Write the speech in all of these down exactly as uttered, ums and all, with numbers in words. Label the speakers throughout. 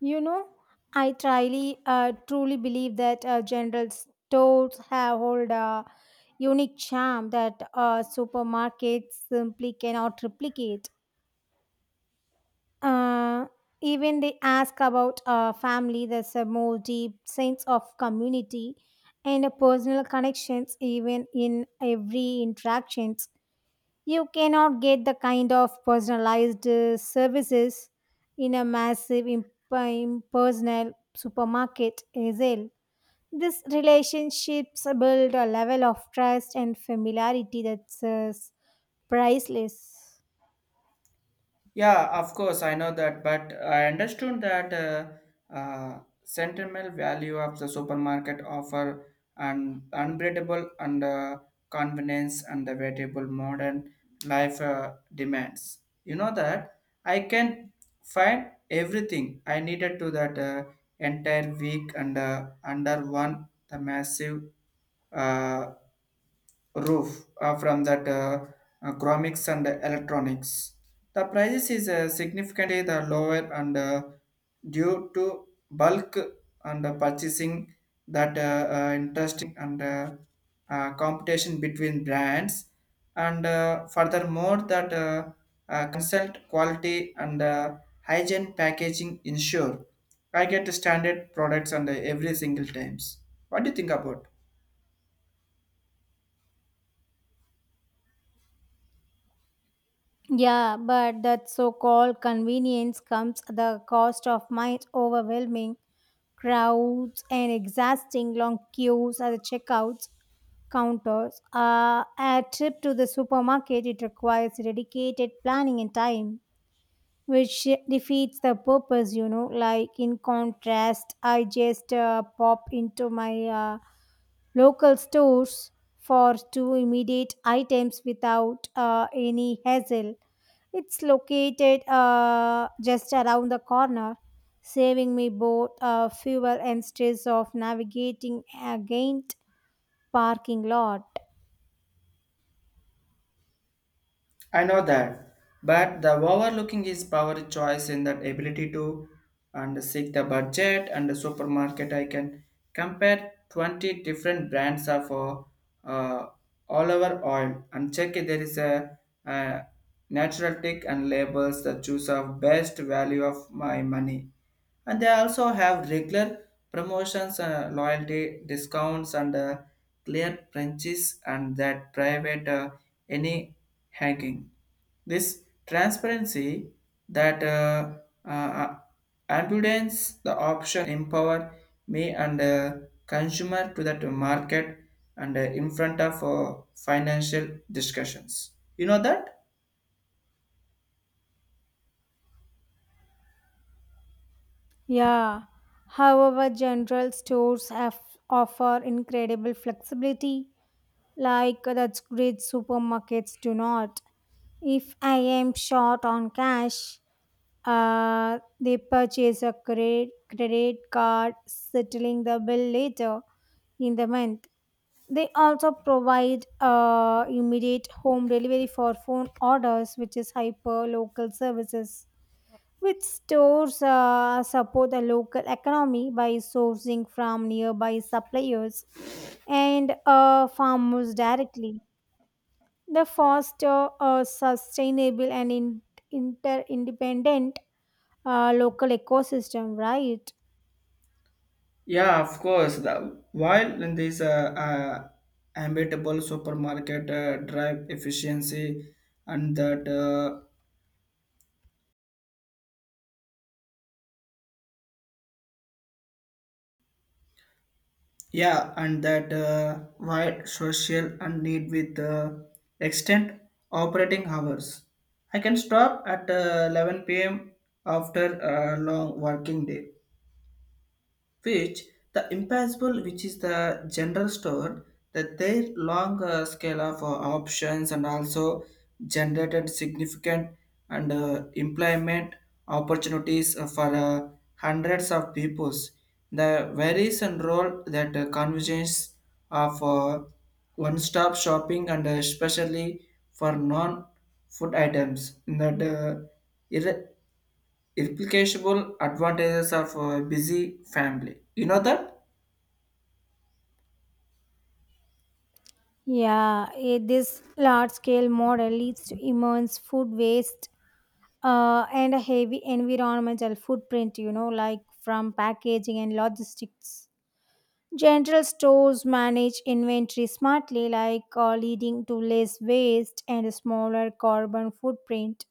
Speaker 1: You know, I truly, uh, truly believe that uh, general stores have hold a unique charm that uh, supermarkets simply cannot replicate. Uh, Even they ask about uh, family, there's a more deep sense of community and a personal connections even in every interactions. You cannot get the kind of personalized uh, services in a massive imp- impersonal supermarket sale. These relationships build a level of trust and familiarity that's uh, priceless.
Speaker 2: Yeah, of course, I know that, but I understood that uh, uh, sentimental value of the supermarket offer an unbreakable and uh, convenience and the variable modern life uh, demands. You know that I can find everything I needed to that uh, entire week and uh, under one the massive uh, roof uh, from that uh, uh, chromics and electronics. The prices is uh, significantly the lower and uh, due to bulk and uh, purchasing that uh, uh, interesting and uh, uh, competition between brands and uh, furthermore that uh, uh, consult quality and uh, hygiene packaging ensure I get standard products and uh, every single times. What do you think about?
Speaker 1: Yeah, but that so called convenience comes at the cost of mind overwhelming crowds and exhausting long queues at the checkouts counters. Uh, a trip to the supermarket it requires dedicated planning and time, which defeats the purpose. You know, like, in contrast, I just uh, pop into my. Uh, local stores for two immediate items without uh, any hassle. It's located uh, just around the corner, saving me both uh, fuel and stress of navigating against parking lot.
Speaker 2: I know that, but the overlooking is power choice in that ability to and seek the budget and the supermarket. I can compare twenty different brands of uh, uh, olive oil and check if there is a, uh natural tick and labels that choose of best value of my money. And they also have regular promotions, uh, loyalty discounts, and uh, clear branches and that private uh, any hanging. This transparency that uh, uh, abundance the option empower me and uh, consumer to that market and uh, in front of uh, financial discussions. You know that?
Speaker 1: Yeah. However, general stores have offer incredible flexibility. Like that's great supermarkets do not. If I am short on cash, uh, they purchase a credit, credit card, settling the bill later in the month. They also provide uh, immediate home delivery for phone orders, which is hyper local services. Which stores uh, support the local economy by sourcing from nearby suppliers and uh, farmers directly the foster a sustainable and in, inter independent uh, local ecosystem, right?
Speaker 2: Yeah, of course. The, while in this uh, uh, habitable supermarket uh, drive efficiency and that. Uh, Yeah, and that uh, wide social and need with uh, extent operating hours. I can stop at uh, eleven p m after a long working day which the impassable which is the general store that their long uh, scale of uh, options and also generated significant and uh, employment opportunities uh, for uh, hundreds of peoples the varies and role that uh, convergence of uh, one-stop shopping and uh, especially for non-food items in that uh, irre- Irreplaceable advantages of a busy family. You know that?
Speaker 1: Yeah. Eh, this large scale model leads to immense food waste uh, and a heavy environmental footprint, you know, like from packaging and logistics general stores manage inventory smartly, like uh, leading to less waste and a smaller carbon footprint.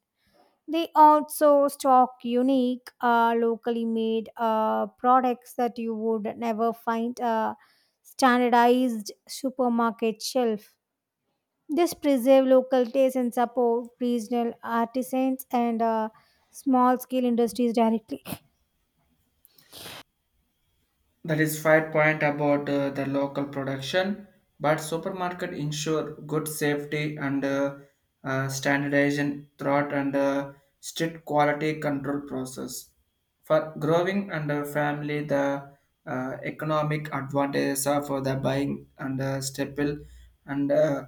Speaker 1: They also stock unique, uh, locally made uh, products that you would never find a standardized supermarket shelf. This preserve local taste and support regional artisans and uh, small scale industries directly.
Speaker 2: That is five point about uh, the local production, but supermarket ensure good safety and uh, uh, standardization throughout and uh, strict quality control process. For growing under family, the uh, economic advantages of uh, the buying and uh, staple and uh,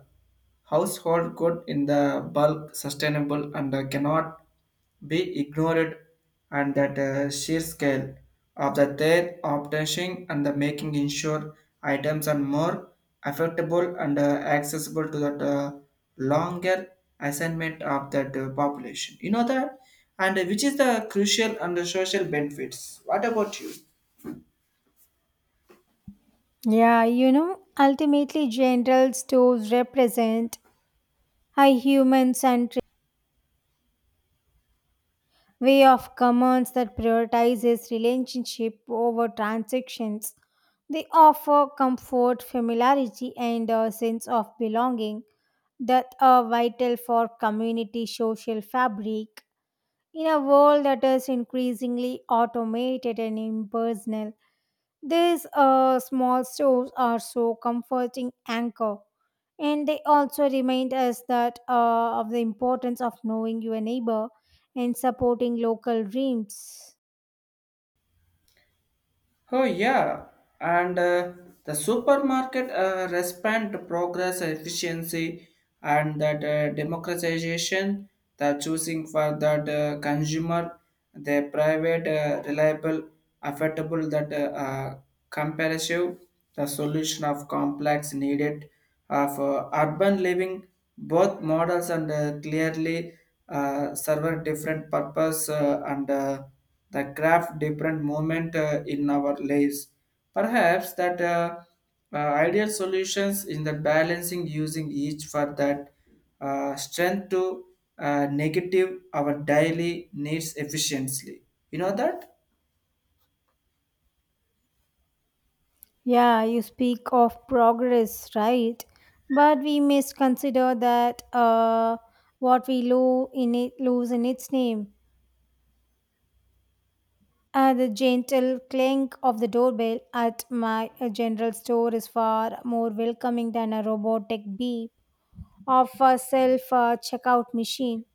Speaker 2: household good in the bulk sustainable and uh, cannot be ignored and that uh, sheer scale of the their obtaining and the making ensure items are more affordable and uh, accessible to that uh, longer assignment of that uh, population. You know that? And uh, which is the crucial and the social benefits. What about you?
Speaker 1: Yeah, you know, ultimately, general stores represent a human centered way of commerce that prioritizes relationship over transactions. They offer comfort, familiarity, and a sense of belonging that are vital for community social fabric. In a world that is increasingly automated and impersonal, these uh, small stores are so comforting anchor, and they also remind us that uh, of the importance of knowing your neighbor and supporting local dreams.
Speaker 2: Oh yeah, and uh, the supermarket uh, respond to progress, efficiency, and that uh, democratization. The choosing for that uh, consumer, the private, uh, reliable, affordable, that uh, uh, comparative, the solution of complex needed of uh, urban living both models and uh, clearly uh, serve different purpose uh, and uh, the craft different moment uh, in our lives perhaps that uh, uh, ideal solutions in the balancing using each for that uh, strength to uh, negative our daily needs efficiently. You know that?
Speaker 1: Yeah, you speak of progress, right? But we must consider that uh, what we lo- in it, lose in its name. Uh, the gentle clink of the doorbell at my uh, general store is far more welcoming than a robotic beep of a self uh, checkout machine.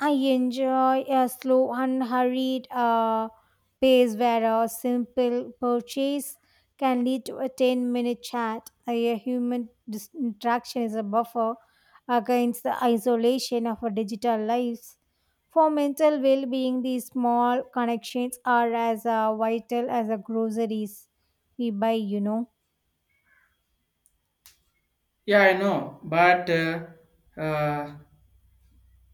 Speaker 1: I enjoy a slow, unhurried uh, pace where a simple purchase can lead to a ten minute chat. A human dis- interaction is a buffer against the isolation of our digital lives. For mental well being, these small connections are as uh, vital as the groceries we buy, you know.
Speaker 2: Yeah, I know, but uh, uh,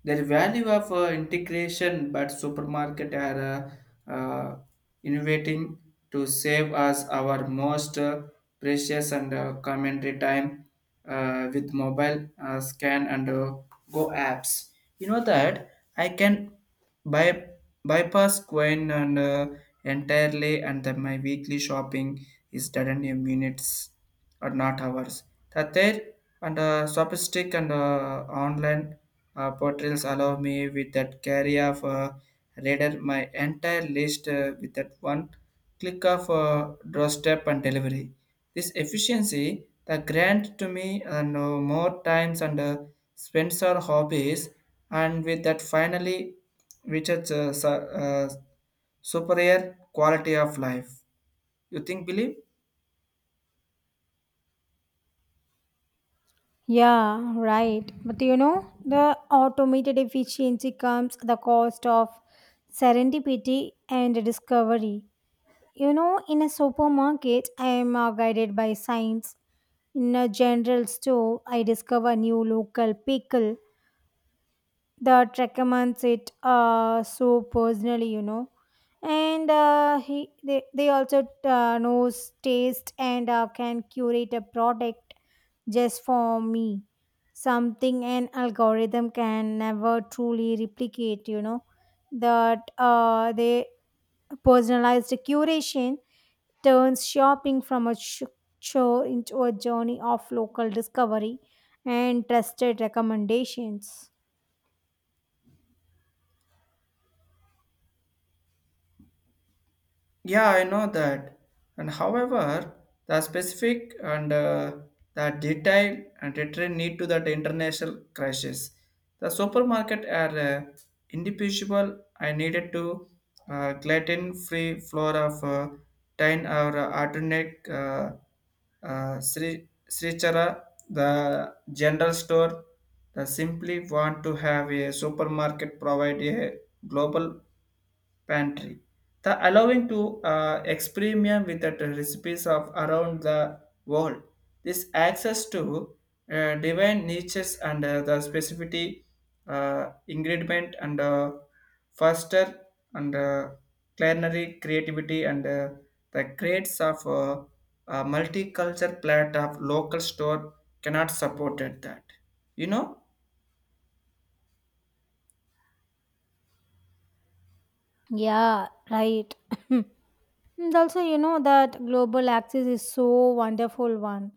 Speaker 2: the value of uh, integration, but supermarket are uh, uh, innovating to save us our most uh, precious and uh, commentary time uh, with mobile uh, scan and uh, go apps. You know that I can buy bypass coin and uh, entirely, and then my weekly shopping is done in minutes or not hours that there, and uh, sophistic and uh, online uh, portals allow me with that carry of uh, radar my entire list uh, with that one click of uh, doorstep and delivery. This efficiency, the grant to me and uh, no more times and uh, spends our hobbies, and with that finally reaches uh, su- uh, superior quality of life. You think, believe?
Speaker 1: Yeah, right. But you know, the automated efficiency comes at the cost of serendipity and discovery. You know, in a supermarket, I am uh, guided by science. In a general store, I discover new local pickle. The recommends it uh, so personally, you know. And uh, he, they, they also uh, knows taste and uh, can curate a product just for me, something an algorithm can never truly replicate, you know that uh, the personalized curation turns shopping from a sh- chore into a journey of local discovery and trusted recommendations.
Speaker 2: Yeah, I know that. And however, the specific and uh, the detail and detail need to that international crisis. The supermarket are uh, individual. I needed to uh, gluten-free flour of uh, tin or uh, alternate uh, uh, Sri Srichara, the general store, the simply want to have a supermarket provide a global pantry. The allowing to uh, experiment with the recipes of around the world. This access to uh, divine niches and uh, the specificity uh, ingredient and uh, foster and uh, culinary creativity and uh, the grades of uh, a multicultural plate of local store cannot support that. You know?
Speaker 1: Yeah, right. And also, you know that global access is so wonderful one,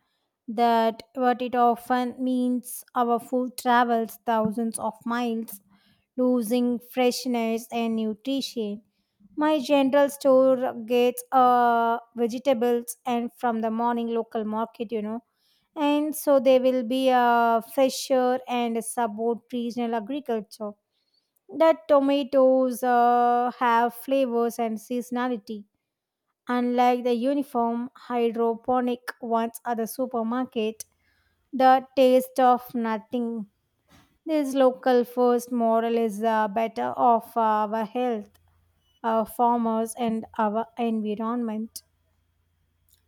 Speaker 1: that what it often means our food travels thousands of miles, losing freshness and nutrition. My general store gets uh, vegetables and from the morning local market, you know, and so they will be uh, fresher and support regional agriculture. That tomatoes uh, have flavors and seasonality unlike the uniform hydroponic ones at the supermarket, the taste of nothing. This local first model is uh, better of our health, our farmers, and our environment.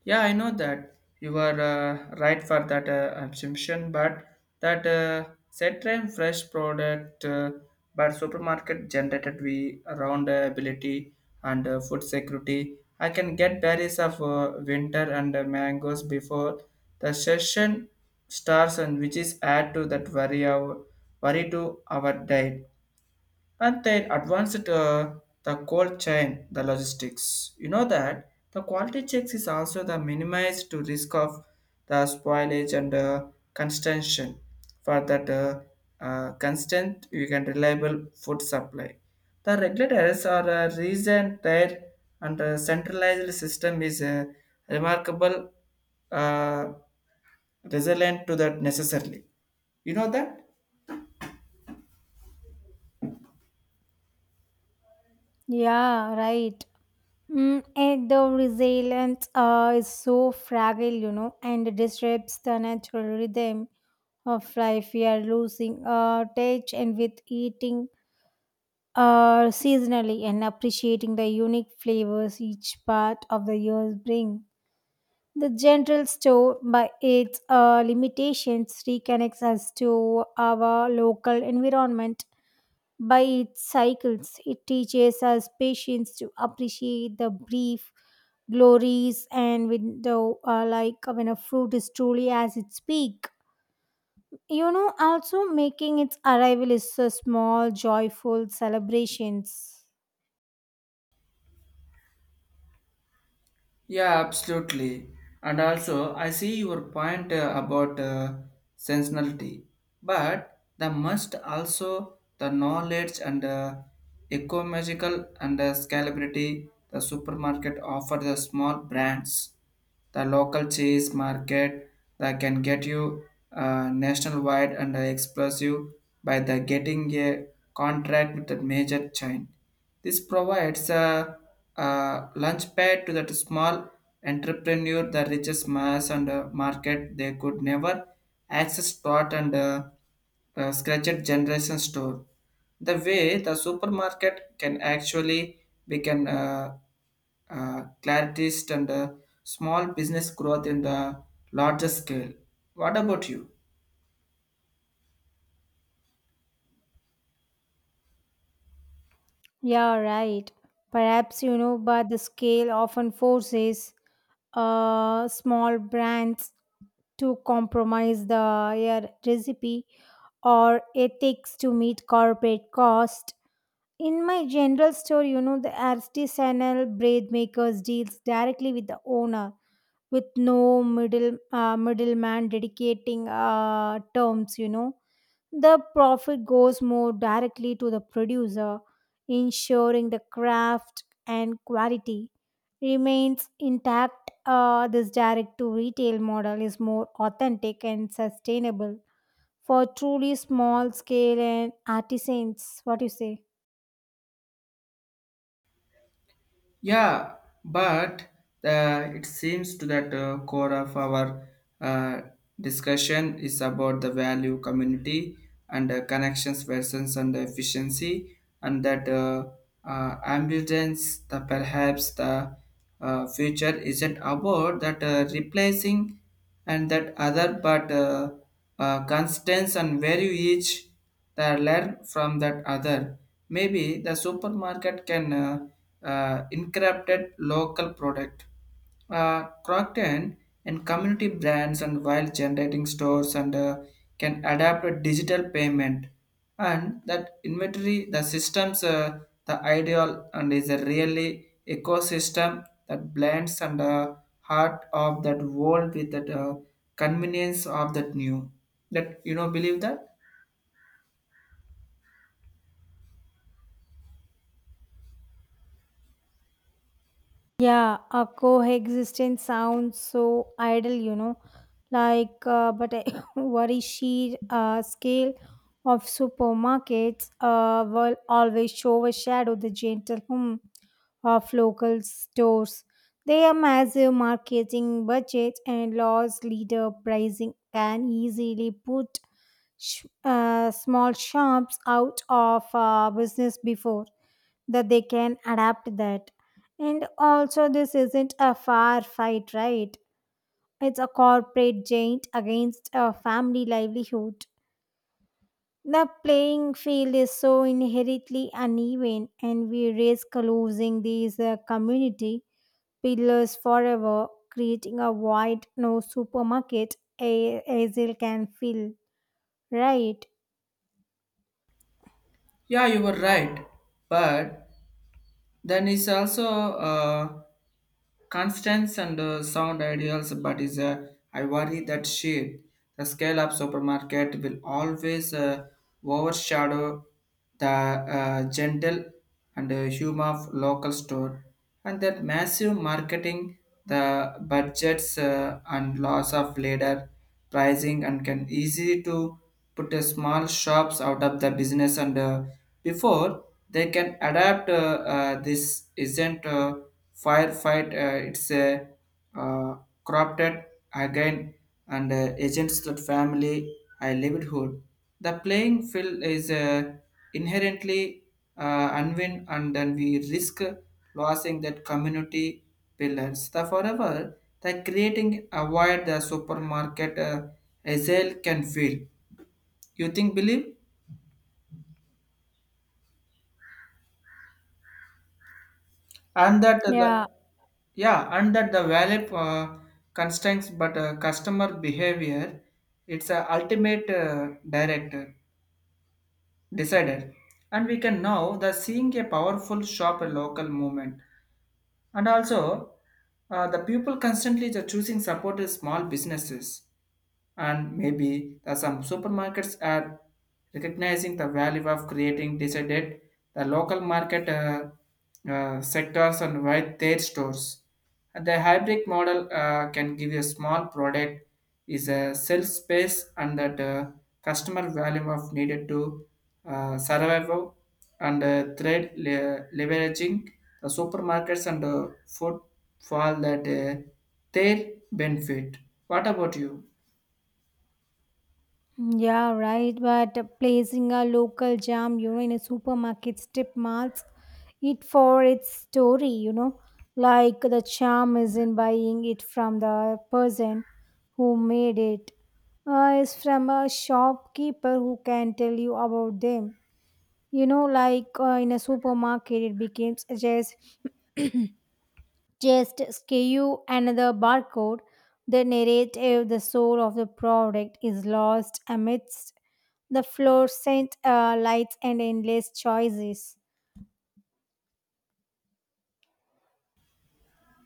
Speaker 2: Yeah, I know that you are uh, right for that uh, assumption, but that uh, set time fresh product, uh, but supermarket generated we around uh, ability and uh, food security. I can get berries of uh, winter and uh, mangoes before the session starts, and which is add to that worry our worry to our diet, and then advanced uh, the cold chain, the logistics. You know that the quality checks is also the minimized to risk of the spoilage and uh, consumption. For that uh, uh, constant, you can reliable food supply. The regulators are a reason there, and the centralized system is uh, remarkable uh, resilient to that necessarily. You know that?
Speaker 1: Yeah, right. Mm, and the resilience uh, is so fragile, you know, and disrupts the natural rhythm of life. We are losing uh, touch and with eating uh, seasonally and appreciating the unique flavors each part of the year bring. The general store, by its uh, limitations, reconnects us to our local environment. By its cycles, it teaches us patience to appreciate the brief glories and window, uh, like when a fruit is truly as its peak. You know, also making its arrival is a small, joyful celebrations.
Speaker 2: Yeah, absolutely. And also, I see your point uh, about uh, sensationality, but the must also the knowledge and uh, ecomagical and uh, scalability the supermarket offer the small brands the local cheese market that can get you uh, nationwide and explosive by the getting a contract with a major chain. This provides a, a launchpad to that small entrepreneur the richest mass and uh, market they could never access thought and uh, uh, scratched generation store. The way the supermarket can actually become uh, uh, clarities and uh, small business growth in the larger scale. What about you?
Speaker 1: Yeah, right. Perhaps, you know, but the scale often forces uh, small brands to compromise the, yeah, recipe or ethics to meet corporate cost. In my general store, you know, the artisanal bread makers deals directly with the owner with no middle uh, middleman dedicating uh, terms, you know. The profit goes more directly to the producer, ensuring the craft and quality remains intact. Uh, this direct to retail model is more authentic and sustainable for truly small scale and artisans. What do you say?
Speaker 2: Yeah, but the, it seems to that uh, core of our uh, discussion is about the value community and uh, connections versus and the efficiency and that uh, uh, ambulance the perhaps the uh, future isn't about that uh, replacing and that other but uh, uh, constants and value each they learn from that other. Maybe the supermarket can uh, uh, incorporate local product, uh, Crockton and community brands, and while generating stores and uh, can adapt a digital payment and that inventory the systems, uh, the ideal and is a really ecosystem that blends and uh, heart of that world with that uh, convenience of that new. That you know believe that?
Speaker 1: Yeah, a coexistence sounds so ideal, you know. Like, uh, but I worry sheer uh, scale of supermarkets uh, will always overshadow the gentle hum of local stores. Their massive marketing budget and laws leader pricing can easily put sh- uh, small shops out of uh, business before that they can adapt that. And also this isn't a fair fight, right? It's a corporate giant against a family livelihood. The playing field is so inherently uneven and we risk losing these uh, community pillars forever, creating a void no supermarket a- Hazel can fill, right?
Speaker 2: Yeah, you were right. But then it's also uh, constants and uh, sound ideals. But is uh, I worry that shit, the scale up supermarket will always uh, overshadow the uh, gentle and uh, humor of local store, and that massive marketing, the budgets uh, and loss of leader pricing and can easy to put a small shops out of the business and uh, before they can adapt. Uh, uh, this isn't a firefight, uh, it's a uh, corrupted again and uh, agents that family I livelihood. The playing field is uh, inherently uh, unwin, and then we risk losing that community pillars. The forever, the creating avoid the supermarket uh, Hazel can feel. You think believe? And that
Speaker 1: Yeah.
Speaker 2: the yeah, and that the valid uh, constraints, but uh, customer behavior, it's a ultimate uh, director decider, and we can now the seeing a powerful shop a local movement, and also uh, the people constantly the choosing support is small businesses, and maybe the some supermarkets are recognizing the value of creating decided the local market uh, uh, sectors and wide their stores. And the hybrid model uh, can give you a small product is a sales space and that uh, customer value of needed to uh, survival and uh, thread le- leveraging the supermarkets and uh, food for that uh, their benefit. What about you?
Speaker 1: Yeah, right. But placing a local jam, you know, in a supermarket strip malls, it for its story, you know, like the charm is in buying it from the person who made it. Uh, is from a shopkeeper who can tell you about them. You know, like uh, in a supermarket, it becomes just just skew another barcode. The narrative, the soul of the product is lost amidst the fluorescent uh, lights and endless choices.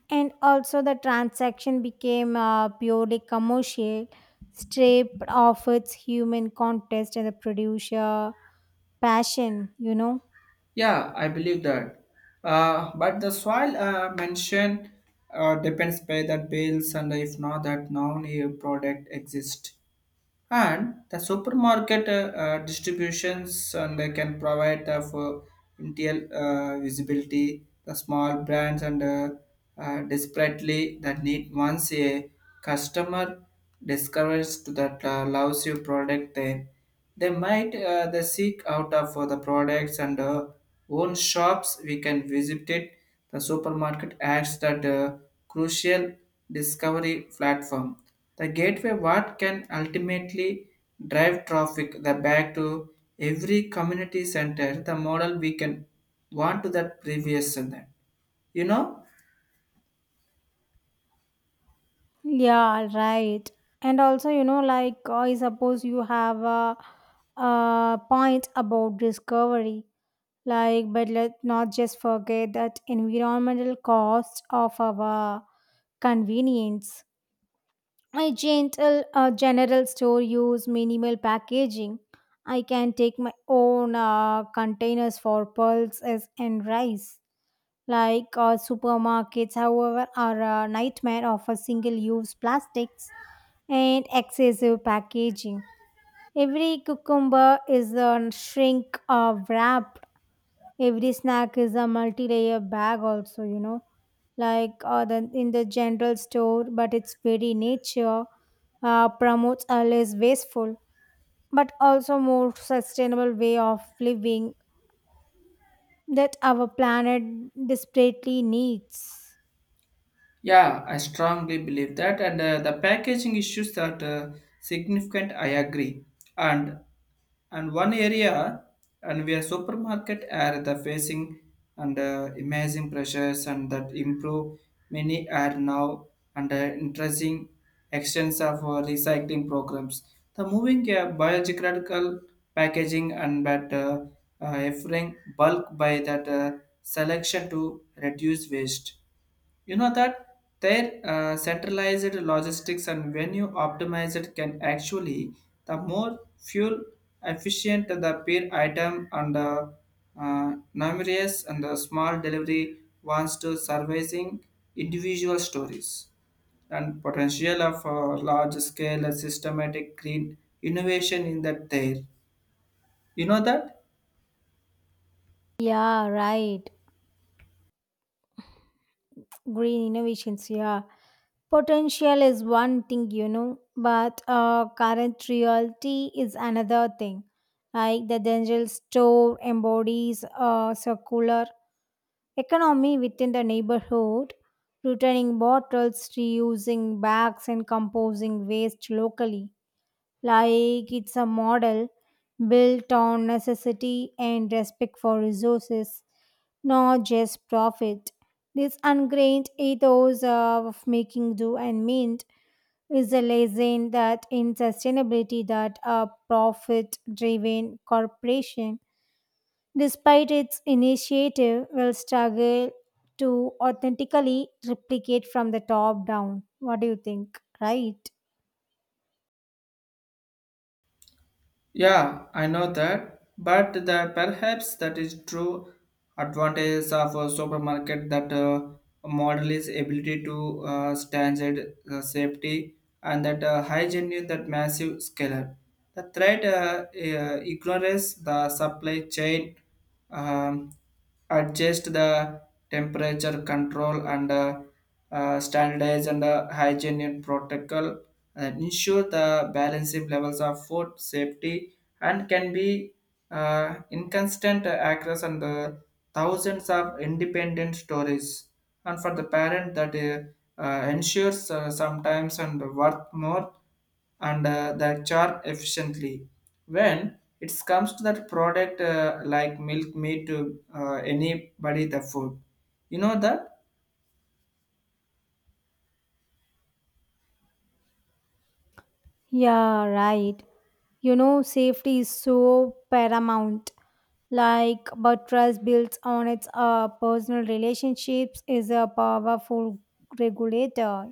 Speaker 1: And also, the transaction became uh, purely commercial, stripped of its human context and the producer passion, you know.
Speaker 2: Yeah, I believe that. Uh, but the soil uh, mentioned uh, depends by that bales, and if not that non E U product exist. And the supermarket uh, uh, distributions and they can provide the for intel uh, visibility, the small brands and uh, uh, desperately that need. Once a customer discovers to that uh, loves your product, then they might uh, they seek out of for the products and uh, own shops. We can visit it. The supermarket adds that uh, crucial discovery platform. The gateway what can ultimately drive traffic the back to every community center. The model we can want to that previous and that, you know.
Speaker 1: Yeah, right. And also, you know, like I suppose you have a, a point about discovery. Like, but let not just forget that environmental cost of our convenience. My gentle uh, general store use minimal packaging. I can take my own uh, containers for pulses and rice. Like uh, supermarkets, however, are a nightmare of a single-use plastics and excessive packaging. Every cucumber is a shrink uh, wrap. Every snack is a multi-layer bag also, you know, like uh, the, in the general store, but its very nature uh, promotes a less wasteful but also more sustainable way of living that our planet desperately needs.
Speaker 2: Yeah, I strongly believe that, and uh, the packaging issues that uh, significant I agree, and and one area, and we are supermarket are the facing and uh, imaging pressures and that improve. Many are now under interesting extents of uh, recycling programs, the moving uh, biological packaging and that uh, uh, offering bulk by that uh, selection to reduce waste. You know that their uh, centralized logistics and venue optimized can actually the more fuel efficient the per item and uh, uh, numerous and the small delivery wants to servicing individual stories, and potential of uh, large scale systematic green innovation in that there. You know that?
Speaker 1: Yeah, right. Green innovations, yeah. Potential is one thing, you know, but uh, current reality is another thing. Like the general store embodies a circular economy within the neighborhood, returning bottles, reusing bags, and composing waste locally. Like it's a model built on necessity and respect for resources, not just profit. This ingrained ethos of making do and mint is a lesson that in sustainability that a profit-driven corporation, despite its initiative, will struggle to authentically replicate from the top down. What do you think? Right?
Speaker 2: Yeah, I know that, but the perhaps that is true advantage of a supermarket that uh, model is ability to uh, standard uh, safety and that uh, hygiene that massive scaler. The threat uh, uh, ignores the supply chain, um, adjust the temperature control and uh, uh, standardize and uh, hygiene protocol and ensure the balancing levels of food safety and can be uh, inconsistent across and the thousands of independent stories, and for the parent that uh, uh, ensures uh, sometimes and worth more and uh, the char efficiently when it comes to that product uh, like milk meat to uh, anybody the food. You know that?
Speaker 1: Yeah, right. You know, safety is so paramount. Like, but trust built on its uh, personal relationships is a powerful regulator.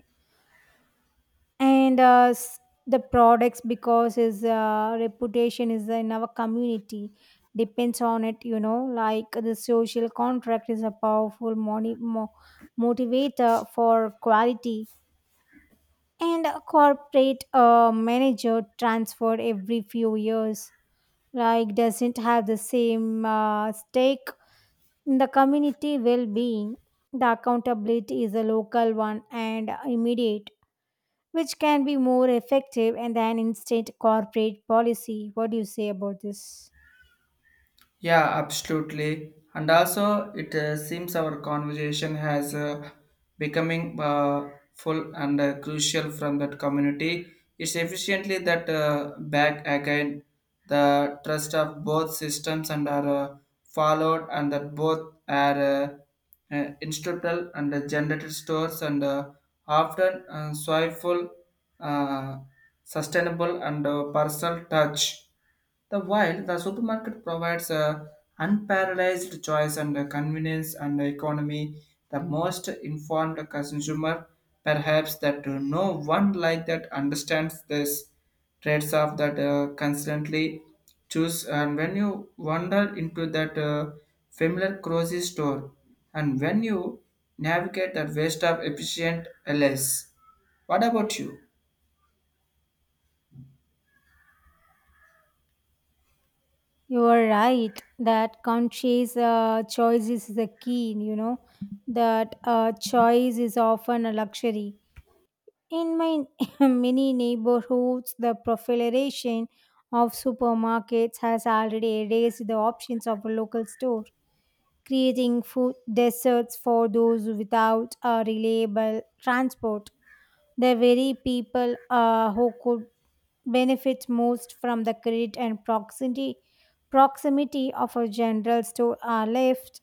Speaker 1: And uh, s- the products, because his uh, reputation is in our community, depends on it. You know, like the social contract is a powerful moni- mo- motivator for quality, and a corporate uh, manager transferred every few years like doesn't have the same uh, stake in the community well-being. The accountability is a local one and immediate, which can be more effective and than instant corporate policy. What do you say about this?
Speaker 2: Yeah, absolutely. And also, it uh, seems our conversation has uh, becoming uh, full and uh, crucial from that community. It's efficiently that uh, back again the trust of both systems and are uh, followed, and that both are uh, uh, instrumental and uh, generated stores and uh, often uh, soyful sustainable and uh, personal touch. The while the supermarket provides a unparalleled choice and uh, convenience and economy, the most informed consumer perhaps that uh, no one like that understands this trades off that uh, constantly choose, and when you wander into that uh, familiar grocery store, and when you navigate that waste of efficient L S. What about you?
Speaker 1: You are right that conscious uh, choice is the key, you know, that uh, choice is often a luxury. In my many neighborhoods, the proliferation of supermarkets has already erased the options of a local store, creating food deserts for those without a reliable transport. The very people uh, who could benefit most from the credit and proximity proximity of a general store are left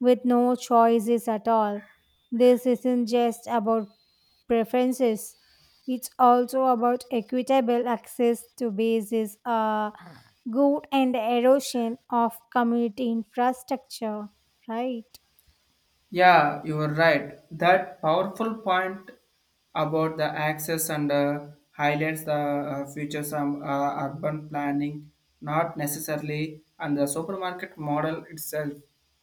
Speaker 1: with no choices at all. This isn't just about preferences, it's also about equitable access to bases, uh, good and erosion of community infrastructure, right?
Speaker 2: Yeah, you are right. That powerful point about the access and uh, highlights the uh, features of uh, urban planning, not necessarily and the supermarket model itself.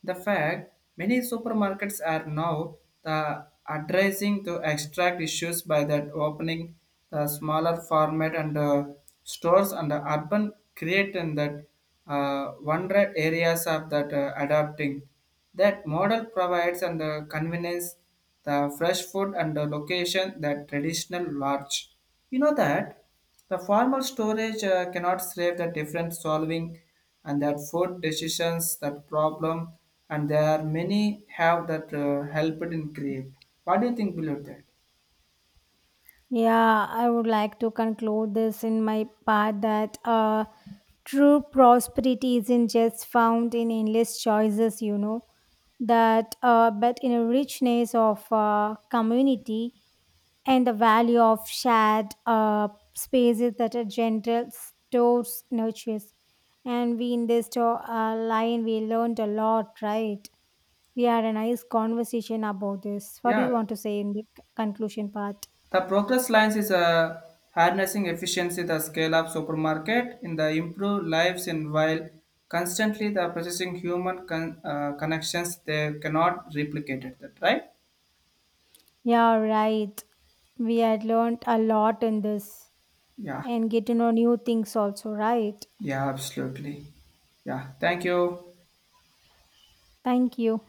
Speaker 2: The fact many supermarkets are now the addressing to extract issues by that opening the smaller format and uh, stores and the urban create and that uh, wonder areas of that uh, adapting. That model provides and the convenience, the fresh food and the location that traditional large. You know that the formal storage uh, cannot save the different solving and that food decisions, that problem, and there are many have that uh, helped in create. What do you think below that?
Speaker 1: Yeah, I would like to conclude this in my part that uh, true prosperity isn't just found in endless choices, you know, that uh, but in a richness of uh, community and the value of shared uh, spaces that are gentle stores nurtures. And we in this to- uh, line, we learned a lot, right? We had a nice conversation about this. What do
Speaker 2: Yeah.
Speaker 1: you want to say in the c- conclusion part?
Speaker 2: The Progress Lines is a harnessing efficiency the scale of supermarket in the improved lives, and while constantly the processing human con- uh, connections they cannot replicate it, that right?
Speaker 1: Yeah, right. We had learned a lot in this
Speaker 2: Yeah.
Speaker 1: and get to know new things also, right?
Speaker 2: Yeah, absolutely. Yeah, thank you.
Speaker 1: Thank you.